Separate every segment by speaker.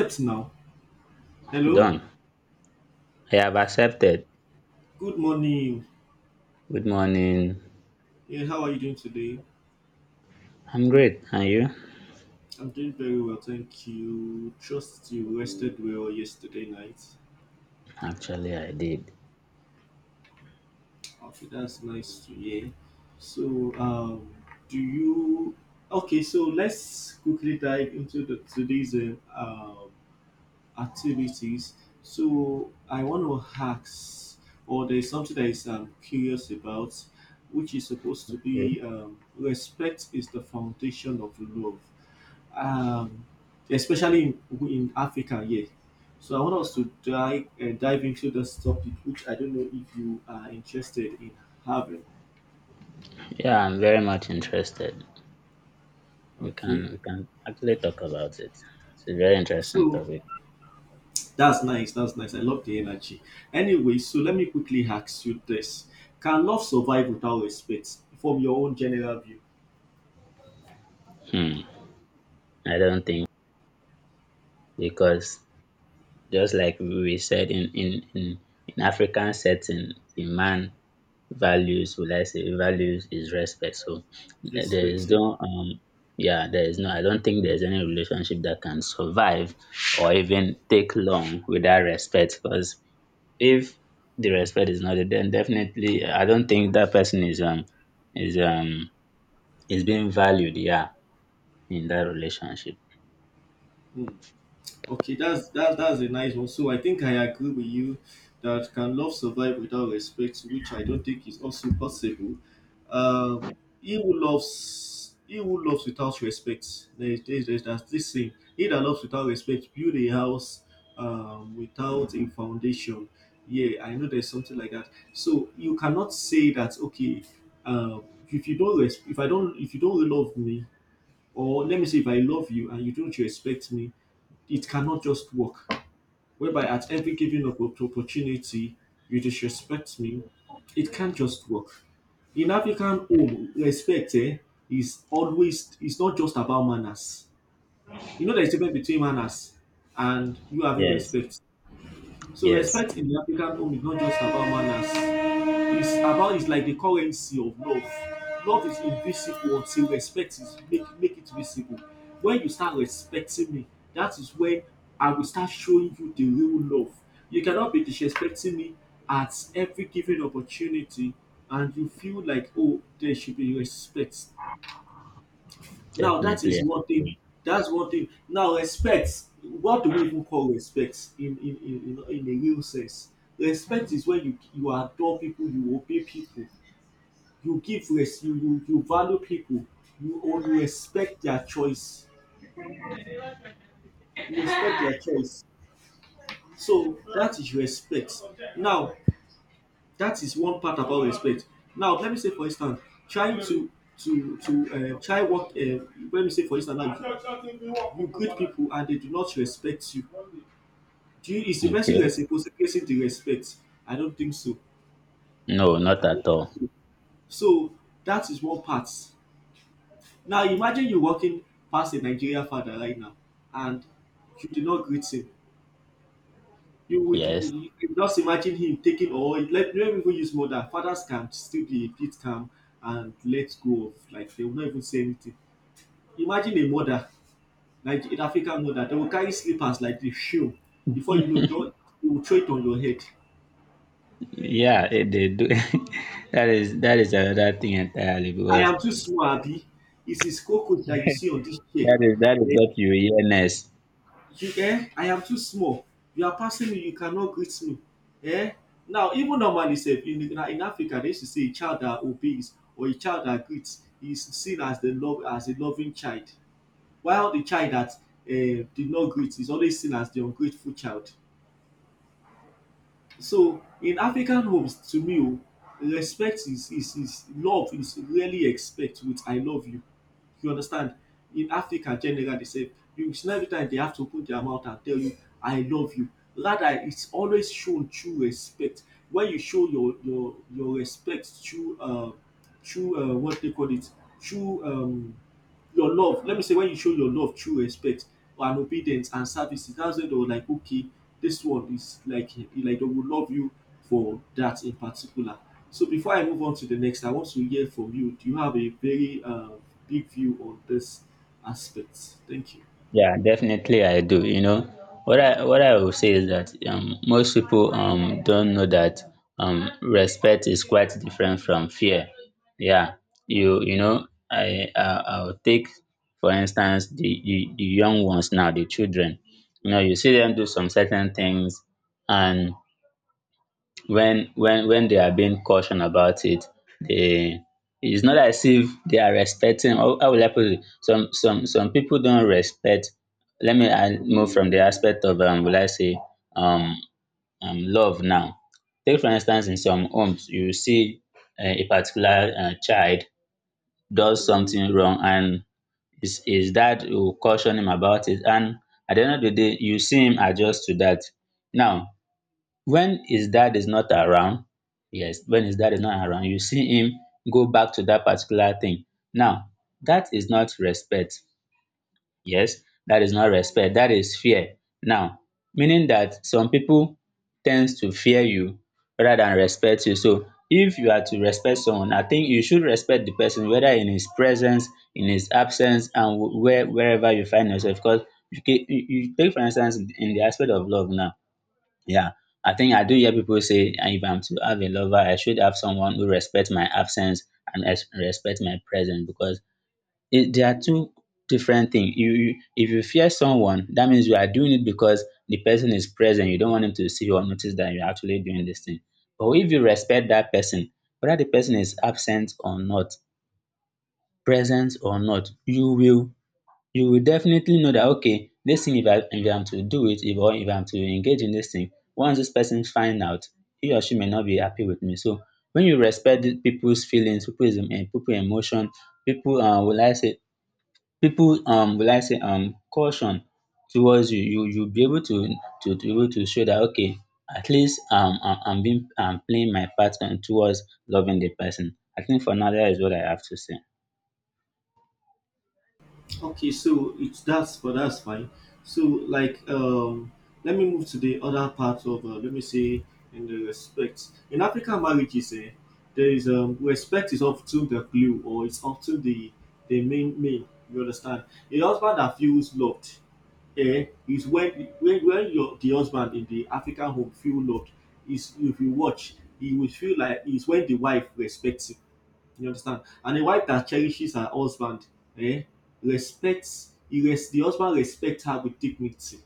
Speaker 1: Yes, now. Hello.
Speaker 2: Done. I have accepted.
Speaker 1: Good morning.
Speaker 2: Good morning.
Speaker 1: Yeah, how are you doing today?
Speaker 2: I'm great. And you?
Speaker 1: I'm doing very well, thank you. Trust you rested well yesterday night.
Speaker 2: Actually, I did.
Speaker 1: Okay, that's nice to hear. So, um, do you? Okay, so let's quickly dive into the today's activities. So, I want to ask, or there's something that is curious about, which is supposed to
Speaker 2: Good.
Speaker 1: be respect is the foundation of love um, especially in Africa, yes. So I want us to dive into this topic, which I don't know if you are interested in having.
Speaker 2: Yeah, I'm very much interested. We can
Speaker 1: Okay,
Speaker 2: we can actually talk about it. It's a very interesting
Speaker 1: so
Speaker 2: topic.
Speaker 1: that's nice. That's nice. I love the energy. Anyway, so let me quickly ask you this: can love survive without respect? From your own general view,
Speaker 2: Hmm. I don't think because just like we said in African setting, the man values, will I say, values is respect. So there is
Speaker 1: respect. Yeah.
Speaker 2: no yeah, there is no, I don't think there's any relationship that can survive or even take long without respect because if the respect is not there, then definitely I don't think that person is is um being valued, yeah, in that relationship.
Speaker 1: Hmm. Okay, that's a nice one. So I think I agree with you that can love survive without respect, which I don't think is also possible. Um, he who loves without respect. There's that's this thing. He that loves without respect build a house, without a foundation. Yeah, I know there's something like that. So you cannot say that, okay, if you don't if you don't love me, or let me say if I love you and you don't respect me, it cannot just work. Whereby at every given opportunity, you disrespect me, it can't just work. In African home, respect, is always it's not just about manners. You know there's a difference between manners and you having
Speaker 2: Yes,
Speaker 1: respect. So
Speaker 2: yes,
Speaker 1: respect in the African home is not just about manners. It's about it's like the currency of love. Love is invisible until respect is make it visible. When you start respecting me, that is when I will start showing you the real love. You cannot be disrespecting me at every given opportunity and you feel like, oh, there should be respect. Now that
Speaker 2: definitely.
Speaker 1: is
Speaker 2: I
Speaker 1: one thing.
Speaker 2: agree.
Speaker 1: That's one thing. Now respect. What do we even call respect in a real sense? Respect is when you adore people, you obey people, you give res you value people, you or you respect their choice, you respect their choice. So that is respect. Now that is one part about respect. Now let me say for instance, trying to try work. Let me say for instance now you greet people and they do not respect you. Do you is the person
Speaker 2: Okay.
Speaker 1: reciprocating the respect? I don't think so.
Speaker 2: No, not
Speaker 1: I don't
Speaker 2: at
Speaker 1: think
Speaker 2: all.
Speaker 1: so. So that is one part. Now imagine you walking past a Nigerian father right now and you did not greet him. You would
Speaker 2: Yes.
Speaker 1: you just imagine him taking, or let me even use more than fathers can still be a bit calm and let go of, like, they will not even say anything. Imagine a mother, like an African mother, they will carry slippers like the shoe. Before you know it, you will throw it on your head.
Speaker 2: Yeah, it did. That is another thing entirely
Speaker 1: I
Speaker 2: because
Speaker 1: am too small, Abi. It is cockroach that you see on this chair.
Speaker 2: that is what you hear next.
Speaker 1: You I am too small. You are passing me, you cannot greet me. um now even normally sef in Africa they used to say a child that obeys or a child that greets is seen as the love, as a loving child, while the child that did not greet is always seen as the ungrateful child. So in African homes to me, o, respect is love, is really expect with I love you, you understand. In Africa generally they say, you see, na every time they have to put their mouth and tell you I love you, rather it's always shown through respect. When you show your respect through what they call it, through your love, let me say when you show your love through respect and obedience and services, that's when they were like, okay, this one is like they will love you for that in particular. So before I move on to the next, I want to hear from you. Do you have a very big view on this aspect? Thank you.
Speaker 2: Yeah, definitely I do. You know what I will say is that most people don't know that respect is quite different from fear. Yeah, you know I will take for instance the young ones now the children. You know you see them do some certain things and when they are being cautioned about it, they it's not as if they are respecting. How will I put it? Some people don't respect. Let me I move from the aspect of will I say um, love now. Take for instance, in some homes, you see a particular child does something wrong, and his dad will caution him about it. And at the end of the day, you see him adjust to that. Now, when his dad is not around, yes, when his dad is not around, you see him go back to that particular thing. Now, that is not respect. Yes, that is not respect. That is fear. Now, meaning that some people tends to fear you rather than respect you. So, if you are to respect someone, I think you should respect the person whether in his presence, in his absence, and wherever you find yourself. Because you, ca- you take for instance in the aspect of love now, yeah, I think I do hear people say, "Ah, if I'm to have a lover, I should have someone who respects my absence and respect my presence because they are two different things. If you fear someone, that means you are doing it because the person is present. You don't want him to see or notice that you're actually doing this thing. But if you respect that person, whether the person is absent or not, present or not, you will definitely know that okay, this thing if I'm to do it if I'm to engage in this thing, once this person find out, he or she may not be happy with me. So when you respect the people's feelings, people's people emotion, people will I say people will I say caution towards you, you'll be able to be able to show that okay, at least I'm playing my part and towards loving the person. I think for now that is what I have to say.
Speaker 1: Okay, so it's that's but that's fine. So, like, let me move to the other part of, let me say in the respect. In African marriages, there is respect is often the glue, or it's often the the main. You understand. A husband that feels loved, is when your the husband in the African home feel loved is, if you watch, he will feel like is when the wife respects him, you understand? And a wife that cherishes her husband, eh, respects he the husband respects her with dignity.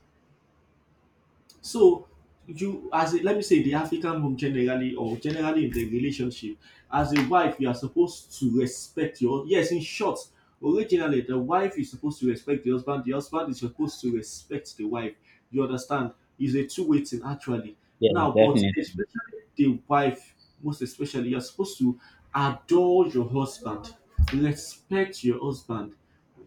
Speaker 1: So you as a, let me say, the African home generally or generally in the relationship, as a wife, you are supposed to respect your, yes, in short, originally the wife is supposed to respect the husband is supposed to respect the wife. You understand? It's a two-way thing actually.
Speaker 2: Yeah,
Speaker 1: Now, but
Speaker 2: definitely
Speaker 1: especially the wife, most especially, you're supposed to adore your husband, respect your husband,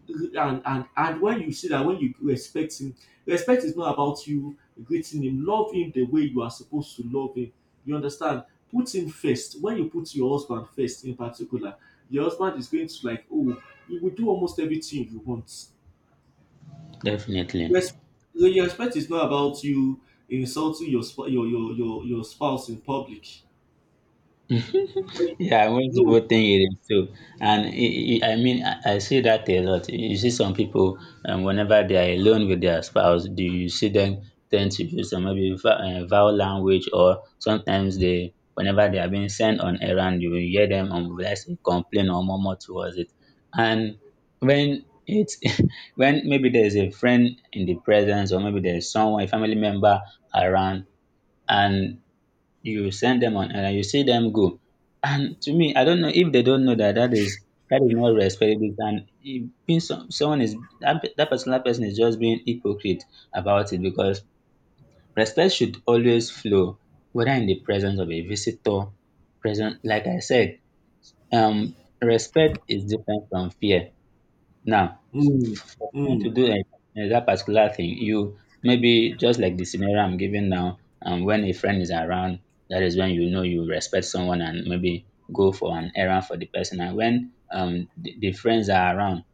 Speaker 1: and when you see that when you respect him, respect is not about you greeting him, love him the way you are supposed to love him, you understand, put him first. When you put your husband first in particular, your husband is going to like, oh, he will do almost everything you want.
Speaker 2: definitely.
Speaker 1: Res- so your respect is not about you insulting your your spouse in public. When you-
Speaker 2: Yeah, most
Speaker 1: no.
Speaker 2: people think it is too. And I mean, I see that a lot. You see some people, whenever they are alone with their spouse, do you see them tend to use some maybe vowel language or sometimes they, whenever they are being sent on errand, you will hear them let's say, complain or murmur towards it. And when it's when maybe there is a friend in the presence or maybe there is someone, a family member around and you send them on and you see them go. And to me, I don't know if they don't know that that is not respectable and it means someone is that particular person is just being hypocrite about it because respect should always flow whether in the presence of a visitor present like I said, um respect is different from fear. Now, for
Speaker 1: Mm,
Speaker 2: someone to
Speaker 1: mm.
Speaker 2: do that particular thing, you maybe just like the scenario I'm giving now, when a friend is around, that is when you know you respect someone and maybe go for an errand for the person. And when the friends are around,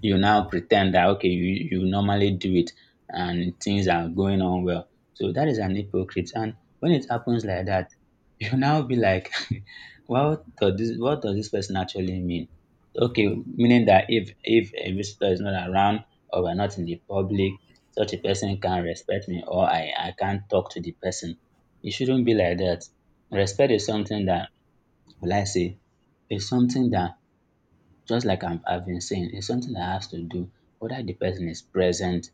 Speaker 2: you now pretend that, okay, you normally do it and things are going on well. So that is an hypocrite. And when it happens like that, you will now be like, what does this person actually mean? Okay, meaning that if a visitor is not around or we're not in the public, such a person can't respect me or I can't talk to the person. It shouldn't be like that. Respect is something that, will I say, is something that just like I've been saying, is something that has to do whether the person is present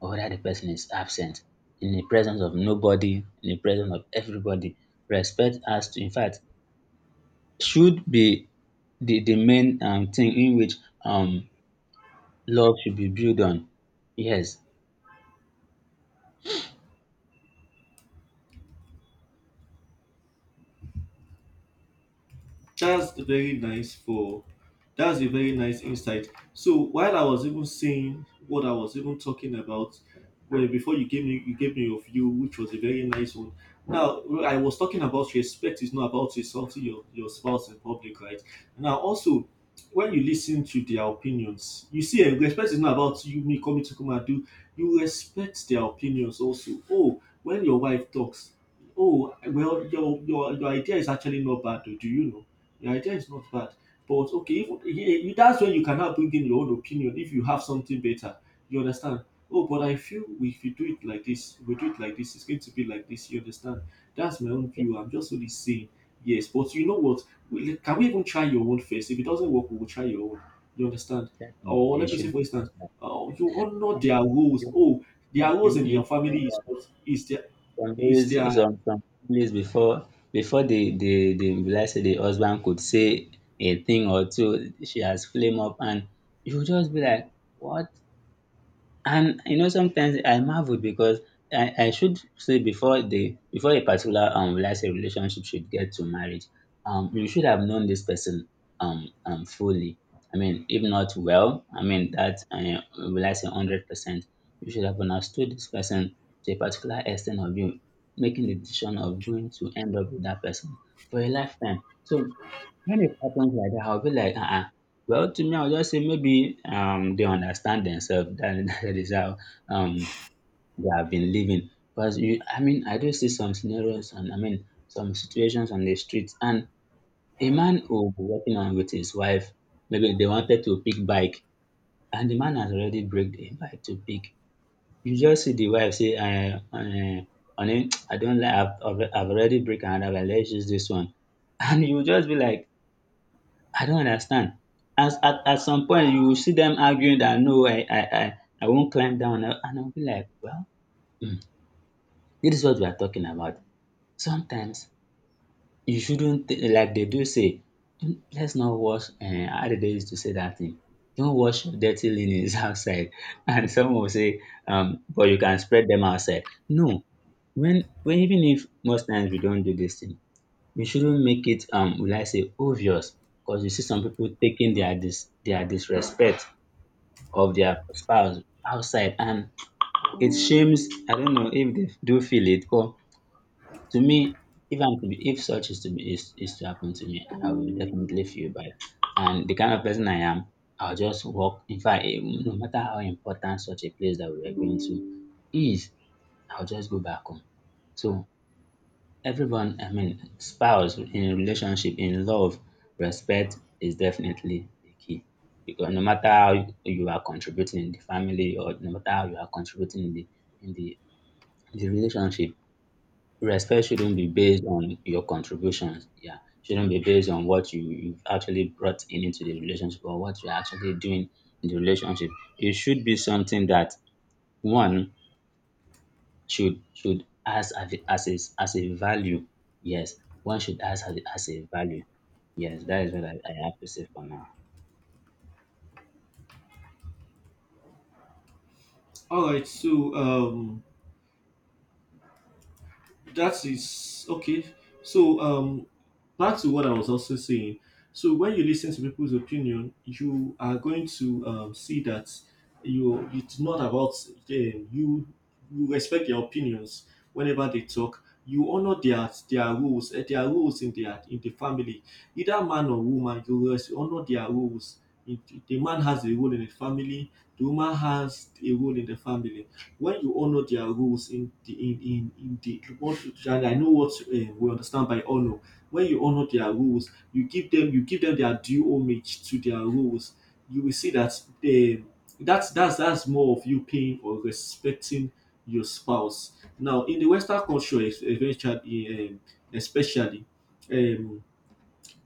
Speaker 2: or whether the person is absent. In the presence of nobody, in the presence of everybody, respect has to in fact should be the main thing in which um, love should be built on. Yes,
Speaker 1: That's very nice for, that's a very nice insight. So while I was even saying what I was even talking about, well before you gave me your view, which was a very nice one. Now I was talking about respect is not about insulting your spouse in public, right? Now also when you listen to their opinions, you see, eh, respect is not about you me coming to come and do. You respect their opinions also. Oh, when your wife talks, oh, well, your idea is actually not bad. Oh, do you know? The idea is not bad, but okay, if, yeah, that's when you cannot bring in your own opinion if you have something better. You understand? Oh, but I feel if you do it like this, we do it like this, it's going to be like this. You understand? That's my own
Speaker 2: yeah,
Speaker 1: view. I'm just only saying yes. But you know what? Like, can we even try your own first? If it doesn't work, we will try your own. You understand?
Speaker 2: definitely.
Speaker 1: Or
Speaker 2: It
Speaker 1: let me say,
Speaker 2: should.
Speaker 1: for instance, you honor their rules.
Speaker 2: You,
Speaker 1: Oh, their
Speaker 2: you,
Speaker 1: rules in your
Speaker 2: you
Speaker 1: family is what is their
Speaker 2: some
Speaker 1: is
Speaker 2: days,
Speaker 1: their.
Speaker 2: before the let say the husband could say a thing or two, she has flame up, and you just be like, what? And you know, sometimes I marvel because I should say before a particular let's say relationship should get to marriage, you should have known this person fully. I mean, if not well, I mean that will I say 100%, you should have understood this person to a particular extent of you making the decision of going to end up with that person for a lifetime. So when it happens like that, I'll be like, uh-uh. Well, to me, I'll just say maybe they understand themselves. That, that is how um they have been living. Because I mean, I do see some scenarios and I mean some situations on the streets, and a man will be walking on with his wife. Maybe they wanted to pick bike, and the man has already break the bike to pick. You just see the wife say, honey, I don't like. I've already break another. Bike. Let's use this one, and you just be like I don't understand. As at some point you will see them arguing that no I won't climb down and I will be like well, um this is what we are talking about. Sometimes you shouldn't like they do say don't, let's not wash how did they use to say that thing? Don't wash your dirty linens outside, and some will say but you can spread them outside. No, when even if most times we don't do this thing, we shouldn't make it will I say obvious because you see some people taking their disrespect of their spouse outside, and it shames. I don't know if they do feel it, but to me, if I'm to be if such is to be is to happen to me, I will definitely feel bad. And the kind of person I am, I'll just walk. In fact, no matter how important such a place that we were going to is, I'll just go back home. So everyone, I mean spouse, in relationship, in love, respect is definitely the key, because no matter how you are contributing in the family or no matter how you are contributing in the in the relationship, respect shouldn't be based on your contributions, yeah, shouldn't be based on what you've actually brought in into the relationship or what you're actually doing in the relationship. It should be something that one should ask as a value. Yes, one should ask as a value. Yes, that is what I have to say for now.
Speaker 1: All right. So, that is okay. So, back to what I was also saying. So when you listen to people's opinion, you are going to, see that you it's not about them. You respect their opinions whenever they talk. You honor their rules, eh, their rules in their in the family, either man or woman. You honor their rules. If- The man has a role in the family. The woman has a role in the family. When you honor their rules in the in the what, and I know what, we understand by honor. When you honor their rules, you give them, you give them their due homage to their rules. You will see that, that's more of you paying or respecting your spouse. Now in the Western culture, eventually, especially, um,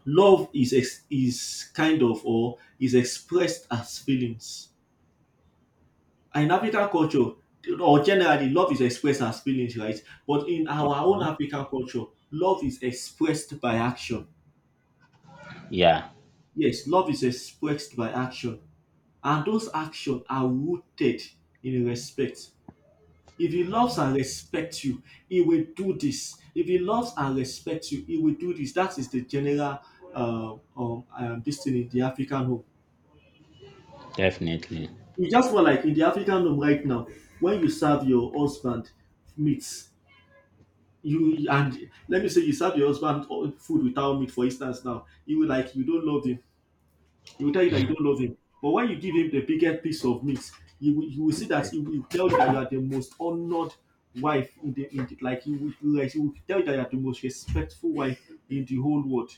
Speaker 1: love is kind of or is expressed as feelings. In African culture, or generally, love is expressed as feelings, right? But in our own
Speaker 2: Mhm.
Speaker 1: African culture, love is expressed by action.
Speaker 2: Yeah,
Speaker 1: Yes, love is expressed by action. And those actions are rooted in respect. If he loves and respects you, he will do this. If he loves and respects you, he will do this. That is the general this thing in the African home.
Speaker 2: definitely.
Speaker 1: It's just more like in the African home right now, when you serve your husband meat, you, and let me say you serve your husband, food without meat for instance, now you will, like, you don't love him, he will tell you that you don't love him. But when you give him the biggest piece of meat, you will see that he will tell you that you are the most honored wife in the, in the, like he will tell you that you are the most respectful wife in the whole world.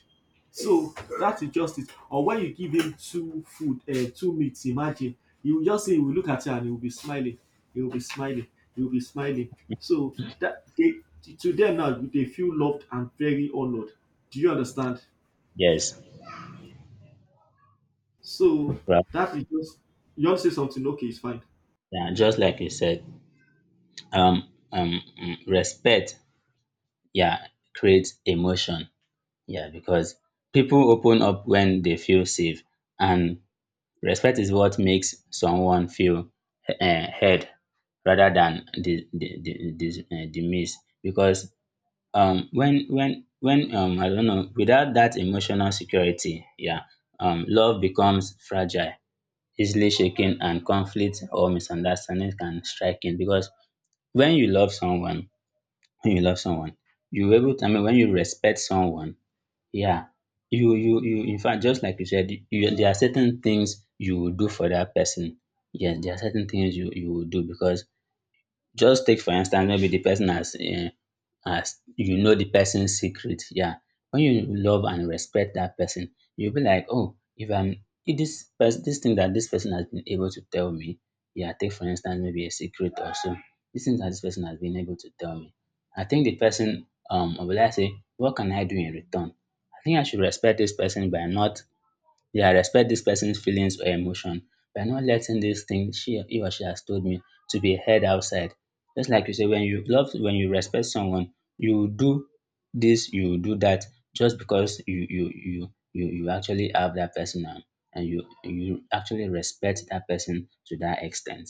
Speaker 1: So that is justice. Or when you give him two food, two meats, imagine, you will just say, he will look at you and he will be smiling. He will be smiling. He will be smiling. So that they, to them now, they feel loved and very honored. Do you understand?
Speaker 2: Yes.
Speaker 1: So
Speaker 2: Well,
Speaker 1: that is just— you want to say something? Okay, it's fine.
Speaker 2: yeah, just like you said, respect, yeah, creates emotion. Yeah, because people open up when they feel safe, and respect is what makes someone feel heard rather than dismissed. Because when I don't know, without that emotional security, yeah, love becomes fragile, easily shaken, and conflict or misunderstanding can strike in. Because when you love someone when you love someone you able to, I mean when you respect someone, yeah, you in fact, just like you said, you, there are certain things you will do for that person. Yes, there are certain things you will do because, just take for instance, maybe the person has as you know, the person's secret. Yeah. When you love and respect that person, you'll be like, oh, if this person, this thing that this person has been able to tell me, yeah, take for instance maybe a secret or so. This thing that this person has been able to tell me. I think the person, um, will I say, what can I do in return? I think I should respect this person by not, yeah, respect this person's feelings or emotion by not letting this thing she, he or she has told me to be heard outside. Just like you say, when you love, when you respect someone, you do this, you do that, just because you, you actually have that person, and you actually respect that person to that extent.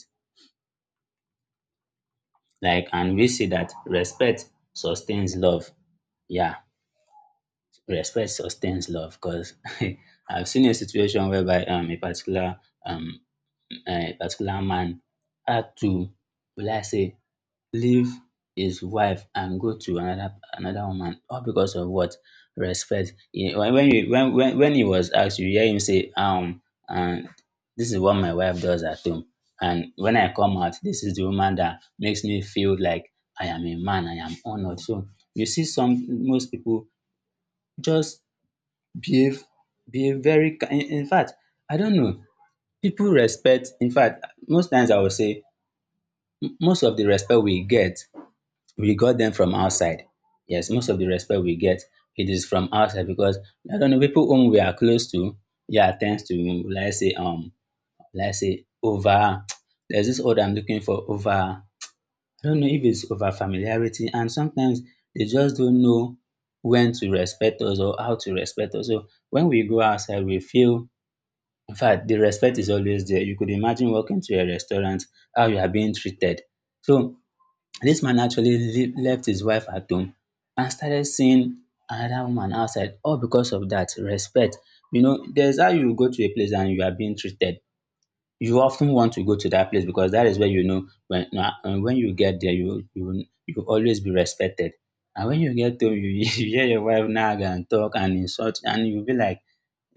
Speaker 2: Like, and we see that respect sustains love. Yeah, respect sustains love because I've seen a situation whereby, um, a particular, um um, particular man had to, will I say, leave his wife and go to another woman, all because of what? Respect. He, when he was asked, you hear him say, um, and this is what my wife does at home, and when I come out, this is the woman that makes me feel like I am a man, I am honoured. So you see, some, most people just behave, very ki-, in fact, I don't know. People respect, in fact, most times I will say, most of the respect we get, we got them from outside. Yes, most of the respect we get, it is from outside because, I don't know, people whom we are close to, yeah, tends to, let's say, um, let's say over, there's this word I'm looking for, over, I don't know if it's over familiarity, and sometimes they just don't know when to respect us or how to respect us. So when we go outside we feel, in fact the respect is always there. You could imagine walking to a restaurant, how you are being treated. So this man actually left his wife at home and started seeing another woman outside all because of that respect. You know, there's how you go to a place and you are being treated. You often want to go to that place because that is where you know when na, when you get there you will always be respected. And when you get home, you you hear your wife nag and talk and insult, and you be like,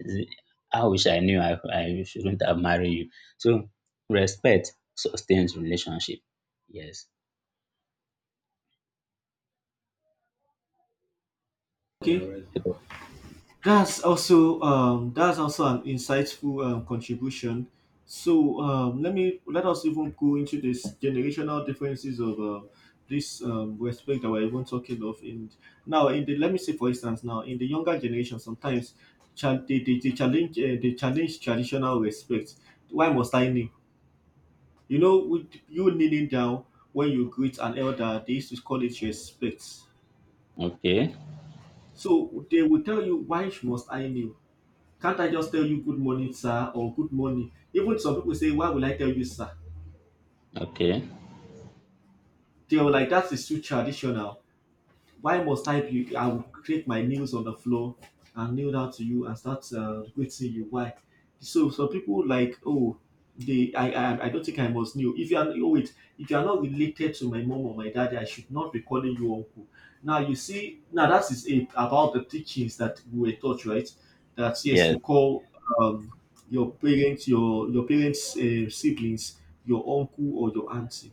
Speaker 2: "Zi-, I wish I knew, I shouldn't have married you." So respect sustains relationship. Yes.
Speaker 1: Yeah, okay, right. That's also an insightful contribution. So let us even go into this generational differences of this respect that we're even talking of in now in the— let me say, for instance, now in the younger generation, sometimes they challenge traditional respect. Why must I kneel? You know, with you kneeling down, when you greet an elder, they used to call it respect.
Speaker 2: Okay.
Speaker 1: So they will tell you, why must I kneel? Can't I just tell you good morning, sir, or good morning? Even some people say, why will I tell you, sir?
Speaker 2: Okay.
Speaker 1: They are like, that is too traditional. Why must I be? I will create my nails on the floor and kneel down to you and start greeting you. Why? So some people like, oh, they, I don't think I must kneel. If you are— oh wait, if you are not related to my mom or my daddy, I should not be calling you uncle. Now you see now, that is it, about the teachings that we were taught, right. That yes,
Speaker 2: Yes.
Speaker 1: you call um your parents, your parents siblings, your uncle or your auntie,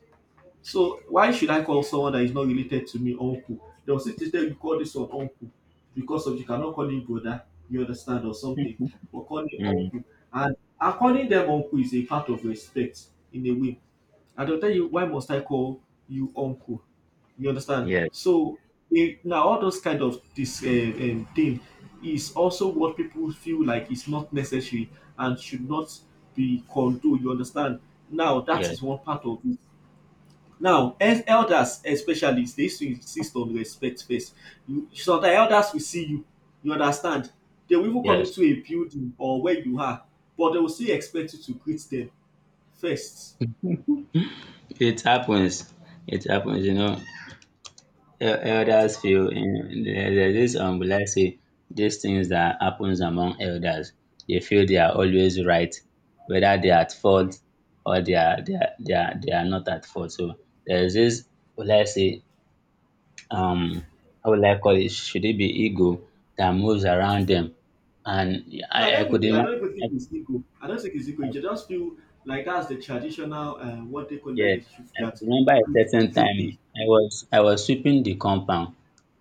Speaker 1: so why should I call someone that is not related to me uncle? They'll still tell you, call this one uncle because of you cannot call him brother, you understand, or something, but call him
Speaker 2: Mm.
Speaker 1: uncle. And and calling them uncle is a part of respect in a way. And they'll tell you, why must I call you uncle? You understand?
Speaker 2: Yes.
Speaker 1: So now all those kind of this thing is also what people feel like is not necessary and should not be condoned. You understand? Now that
Speaker 2: Yes.
Speaker 1: is one part of it. Now, as elders especially, they used to insist on respect first. You— sometimes elders will see you, you understand. They will even come
Speaker 2: Yes.
Speaker 1: into a building or where you are, but they will still expect you to greet them first.
Speaker 2: It happens. It happens. You know, El-
Speaker 1: Do
Speaker 2: elders
Speaker 1: you—
Speaker 2: feel. You, there- there's this, will I say, these things that happens among elders. They feel they are always right, whether they are at fault or they are not at fault. So there's this, will I say, um, how will I call it? Should it be ego that moves around them? And
Speaker 1: no, I
Speaker 2: I
Speaker 1: don't even
Speaker 2: could
Speaker 1: think I
Speaker 2: imagine.
Speaker 1: don't even think it's ego. I don't think it's ego. I just feel like that's the traditional what they call, that
Speaker 2: Yeah,
Speaker 1: that
Speaker 2: I could
Speaker 1: that
Speaker 2: remember a
Speaker 1: should
Speaker 2: certain
Speaker 1: should
Speaker 2: time
Speaker 1: be.
Speaker 2: I was sweeping the compound,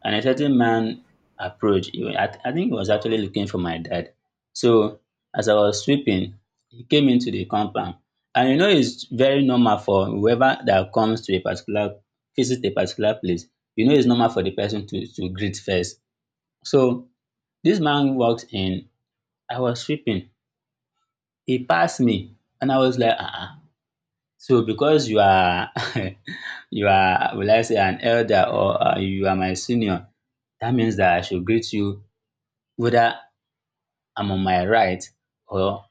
Speaker 2: and a certain man approached. He wa-, I, th- I think he was actually looking for my dad. So as I was sweeping, he came into the compound. And you know it's very normal for whoever that comes to a particular, visits a particular place, you know, it's normal for the person to greet first. So this man walked in, I was sweeping. He passed me, and I was like, ah, ah, so because you are you are, will I say, an elder, or you are my senior, that means that I should greet you, whether I'm on my right, or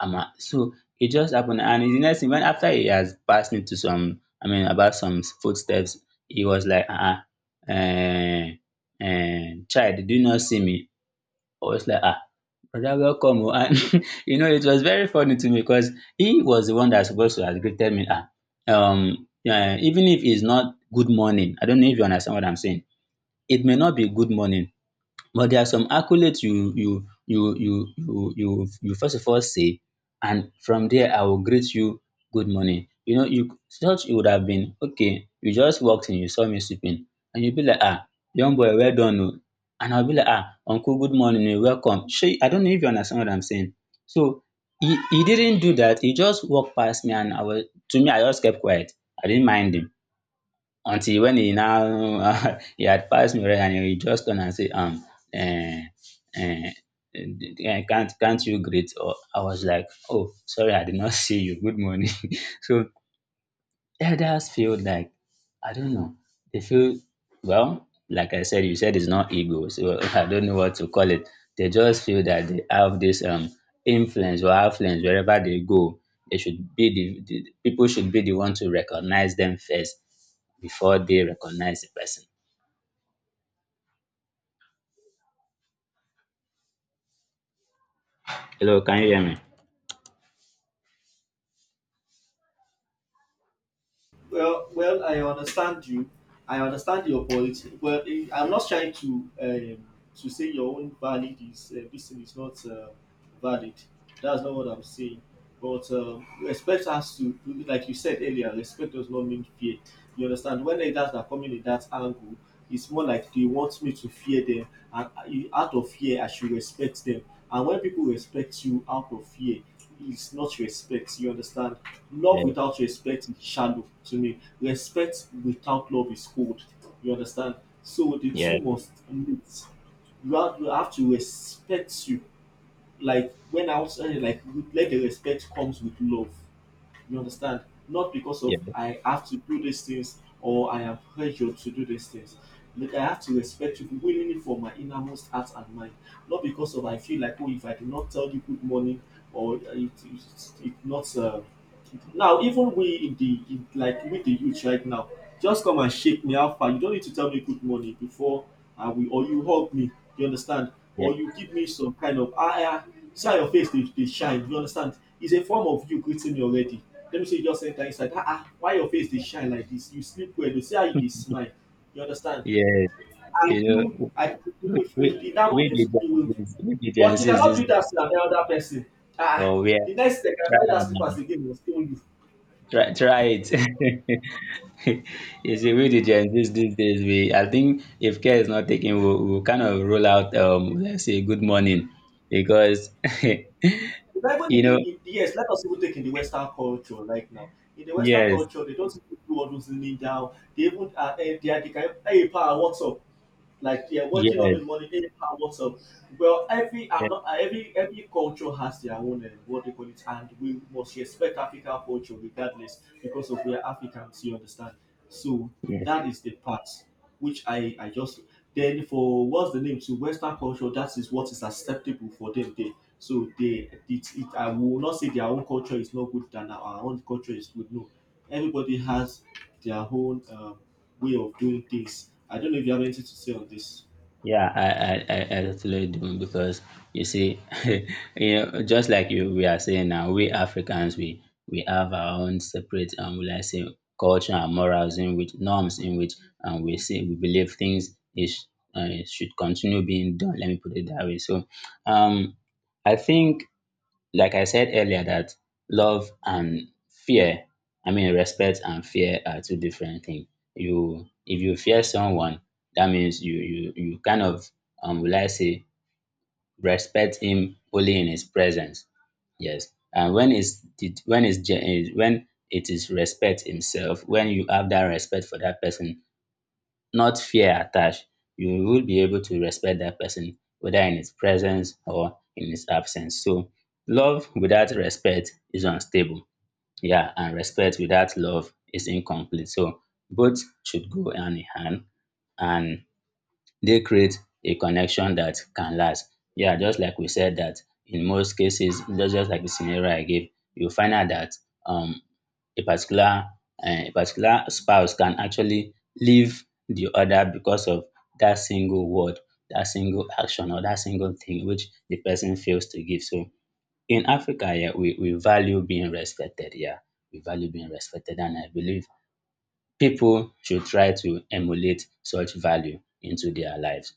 Speaker 2: I'm a, so it just happened, and the next thing, when after he has passed me to some, I mean about some footsteps, he was like, ah, child, do you not see me? I was like, ah, Brother, welcome o. And you know, it was very funny to me because he was the one that's supposed to have greeted me. Ah, yeah, even if it's not good morning, I don't know if you understand what I'm saying. It may not be good morning, but there are some accolades you first of all say, and from there I will greet you good morning. You know, you thought it would have been okay, you just walked in, you saw me sleeping, and you be like, ah, young boy, well done, oh. And I'll be like, ah, uncle, good morning, oh, welcome. Shey, I don't know if you understand what I'm saying. So he didn't do that. He just walked past me, and I was, to me, I just kept quiet. I didn't mind him until when he now he had passed me already and he just turned and say, um, eh, eh, can't you greet? Or I was like, oh sorry, I did not see you, good morning. So elders feel like, I don't know, they feel, well like I said, you said it's not ego, so I don't know what to call it. They just feel that they have this, um, influence or affluence. Wherever they go, they should be the people should be the one to recognize them first before they recognize the person. Hello, can you hear me?
Speaker 1: Well, well, I understand you. I understand your point. Well, I'm not trying to— to say your own valid is this thing is not valid. That's not what I'm saying. But respect has to— like you said earlier, respect does not mean fear. You understand? When leaders are coming in that angle, it's more like they want me to fear them, and out of fear, I should respect them. And when people respect you out of fear, is not respect. You understand? Love
Speaker 2: Yes,
Speaker 1: without respect is shallow to me. Respect without love is cold. You understand? So the two
Speaker 2: yes,
Speaker 1: must meet. You have to respect you. Like when I was saying, like, let the respect comes with love. You understand? Not because of I have to do these things or I am pressured to do these things. Like I have to respect you willingly for my innermost heart and mind. Not because of I feel like, oh, if I do not tell you good morning or it not. Now, even we in the like with the youth right now, just come and shake me out, far. You don't need to tell me good morning before I will, or you hug me. You understand?
Speaker 2: yes,
Speaker 1: Or
Speaker 2: yes,
Speaker 1: you give me some kind of, ah ah, see how your face dey dey shine, you understand, is a form of you greeting me already. Let me say you just enter inside, ah ah, why your face dey shine like this, you sleep well oo, see how you dey smile, you understand.
Speaker 2: yes.
Speaker 1: I
Speaker 2: You
Speaker 1: do,
Speaker 2: know,
Speaker 1: I with
Speaker 2: we
Speaker 1: in that
Speaker 2: we
Speaker 1: moment
Speaker 2: we the Gen
Speaker 1: you will—
Speaker 2: Zs, we the Gen
Speaker 1: but you
Speaker 2: Zs,
Speaker 1: cannot
Speaker 2: this,
Speaker 1: do that to another person, ah ah.
Speaker 2: or we are,
Speaker 1: The next thing, I
Speaker 2: try,
Speaker 1: carry that slippers again, must owe you.
Speaker 2: try it. You see, we the Gen Zs these days, we, I think if care is not taken, we'll kind of roll out, um, let's say good morning because
Speaker 1: But even
Speaker 2: you
Speaker 1: in
Speaker 2: know.
Speaker 1: the yes, let us even take in the Western culture right now. In the Western
Speaker 2: Yes,
Speaker 1: culture, they don't even do all those kneel down. They even are, they are, they can, hey, pa, what's up? Like they are waking up
Speaker 2: yes,
Speaker 1: in the morning, hey, how, what's up? Well, every— I'm
Speaker 2: yes,
Speaker 1: not— ah, every culture has their own, what they call it, and we must respect African culture regardless because of we are Africans, you understand. So
Speaker 2: yes.
Speaker 1: that is the part which I just— then for what's the name, to Western culture that is what is acceptable for them there. So they— it I will not say their own culture is not good than our own culture is good. No, everybody has their own way of doing things. I don't know if you have anything to say on this.
Speaker 2: Yeah, I I totally do because, you see, you know, just like you, we are saying now, we Africans, we have our own separate, um, will I say, culture and morals, in which norms, in which, um, we say we believe things is, should continue being done. Let me put it that way. So, um, I think, like I said earlier, that love and fear, I mean respect and fear are two different things. You, if you fear someone, that means you kind of, um, will I say, respect him only in his presence. Yes. And when it's it-, when it's gen-, eh, when it is respect himself, when you have that respect for that person, not fear attached, you will be able to respect that person, whether in his presence or in his absence. So, love without respect is unstable. Yeah, and respect without love is incomplete. So, both should go hand in hand, and they create a connection that can last. Yeah, just like we said, that in most cases, just like the scenario I gave, you find out that, um, a particular, um, a particular spouse can actually leave the other because of that single word, that single action, or that single thing which the person fails to give. So in Africa, yeah, we value being respected. Yeah, we value being respected, and I believe people should try to emulate such value into their lives.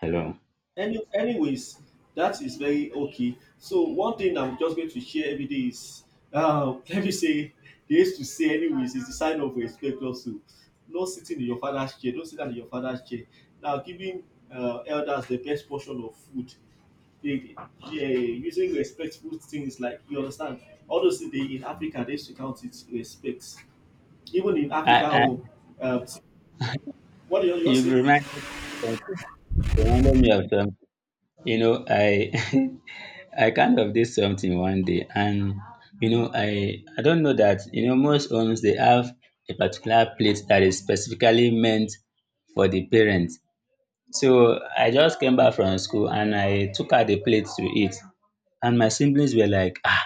Speaker 2: Hello.
Speaker 1: Anyways, that is very okay. So one thing I'm just going to share every day is, let me say, they used to say anyways is the sign of respect also. No sitting in your father's chair. Don't sit down in your father's chair. Now giving elders the best portion of food, they, yeah, using respectful things, like, you understand, all those things, they in Africa they used to count it respects. Even in
Speaker 2: I,
Speaker 1: Africa,
Speaker 2: I
Speaker 1: oh, uh, what do you all
Speaker 2: you
Speaker 1: say?
Speaker 2: reminded, me of something. You know, I I kind of did something one day, and you know I don't know that, you know, most homes they have a particular plate that is specifically meant for the parents. So I just came back from school and I took out the plate to eat, and my siblings were like, ah,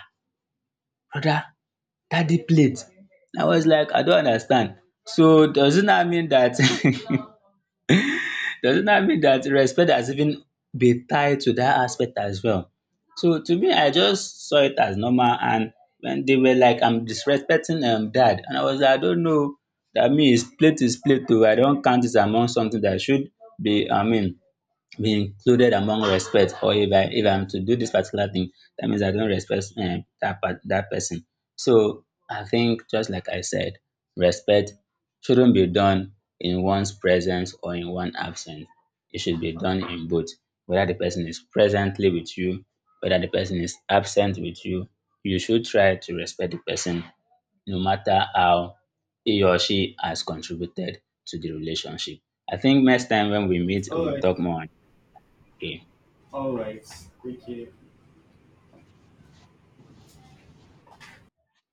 Speaker 2: brother, daddy plate. I was like, I don't understand. So does it not mean that does it not mean that respect has even been tied to that aspect as well? So to me, I just saw it as normal. And when they were like, I'm disrespecting dad, and I was like, I don't know. That means plate is plate too. I don't count it among something that should be, I mean, be included among respect. Or if I, if I'm to do this particular thing, that means I don't respect, that part, that person. So I think, just like I said, respect shouldn't be done in one's presence or in one absence. It should be done in both, whether the person is presently with you, whether the person is absent with you, you should try to respect the person no matter how he or she has contributed to the relationship. I think next time when we meet,
Speaker 1: All
Speaker 2: we'll
Speaker 1: right,
Speaker 2: talk more. Okay.
Speaker 1: all right. Take care.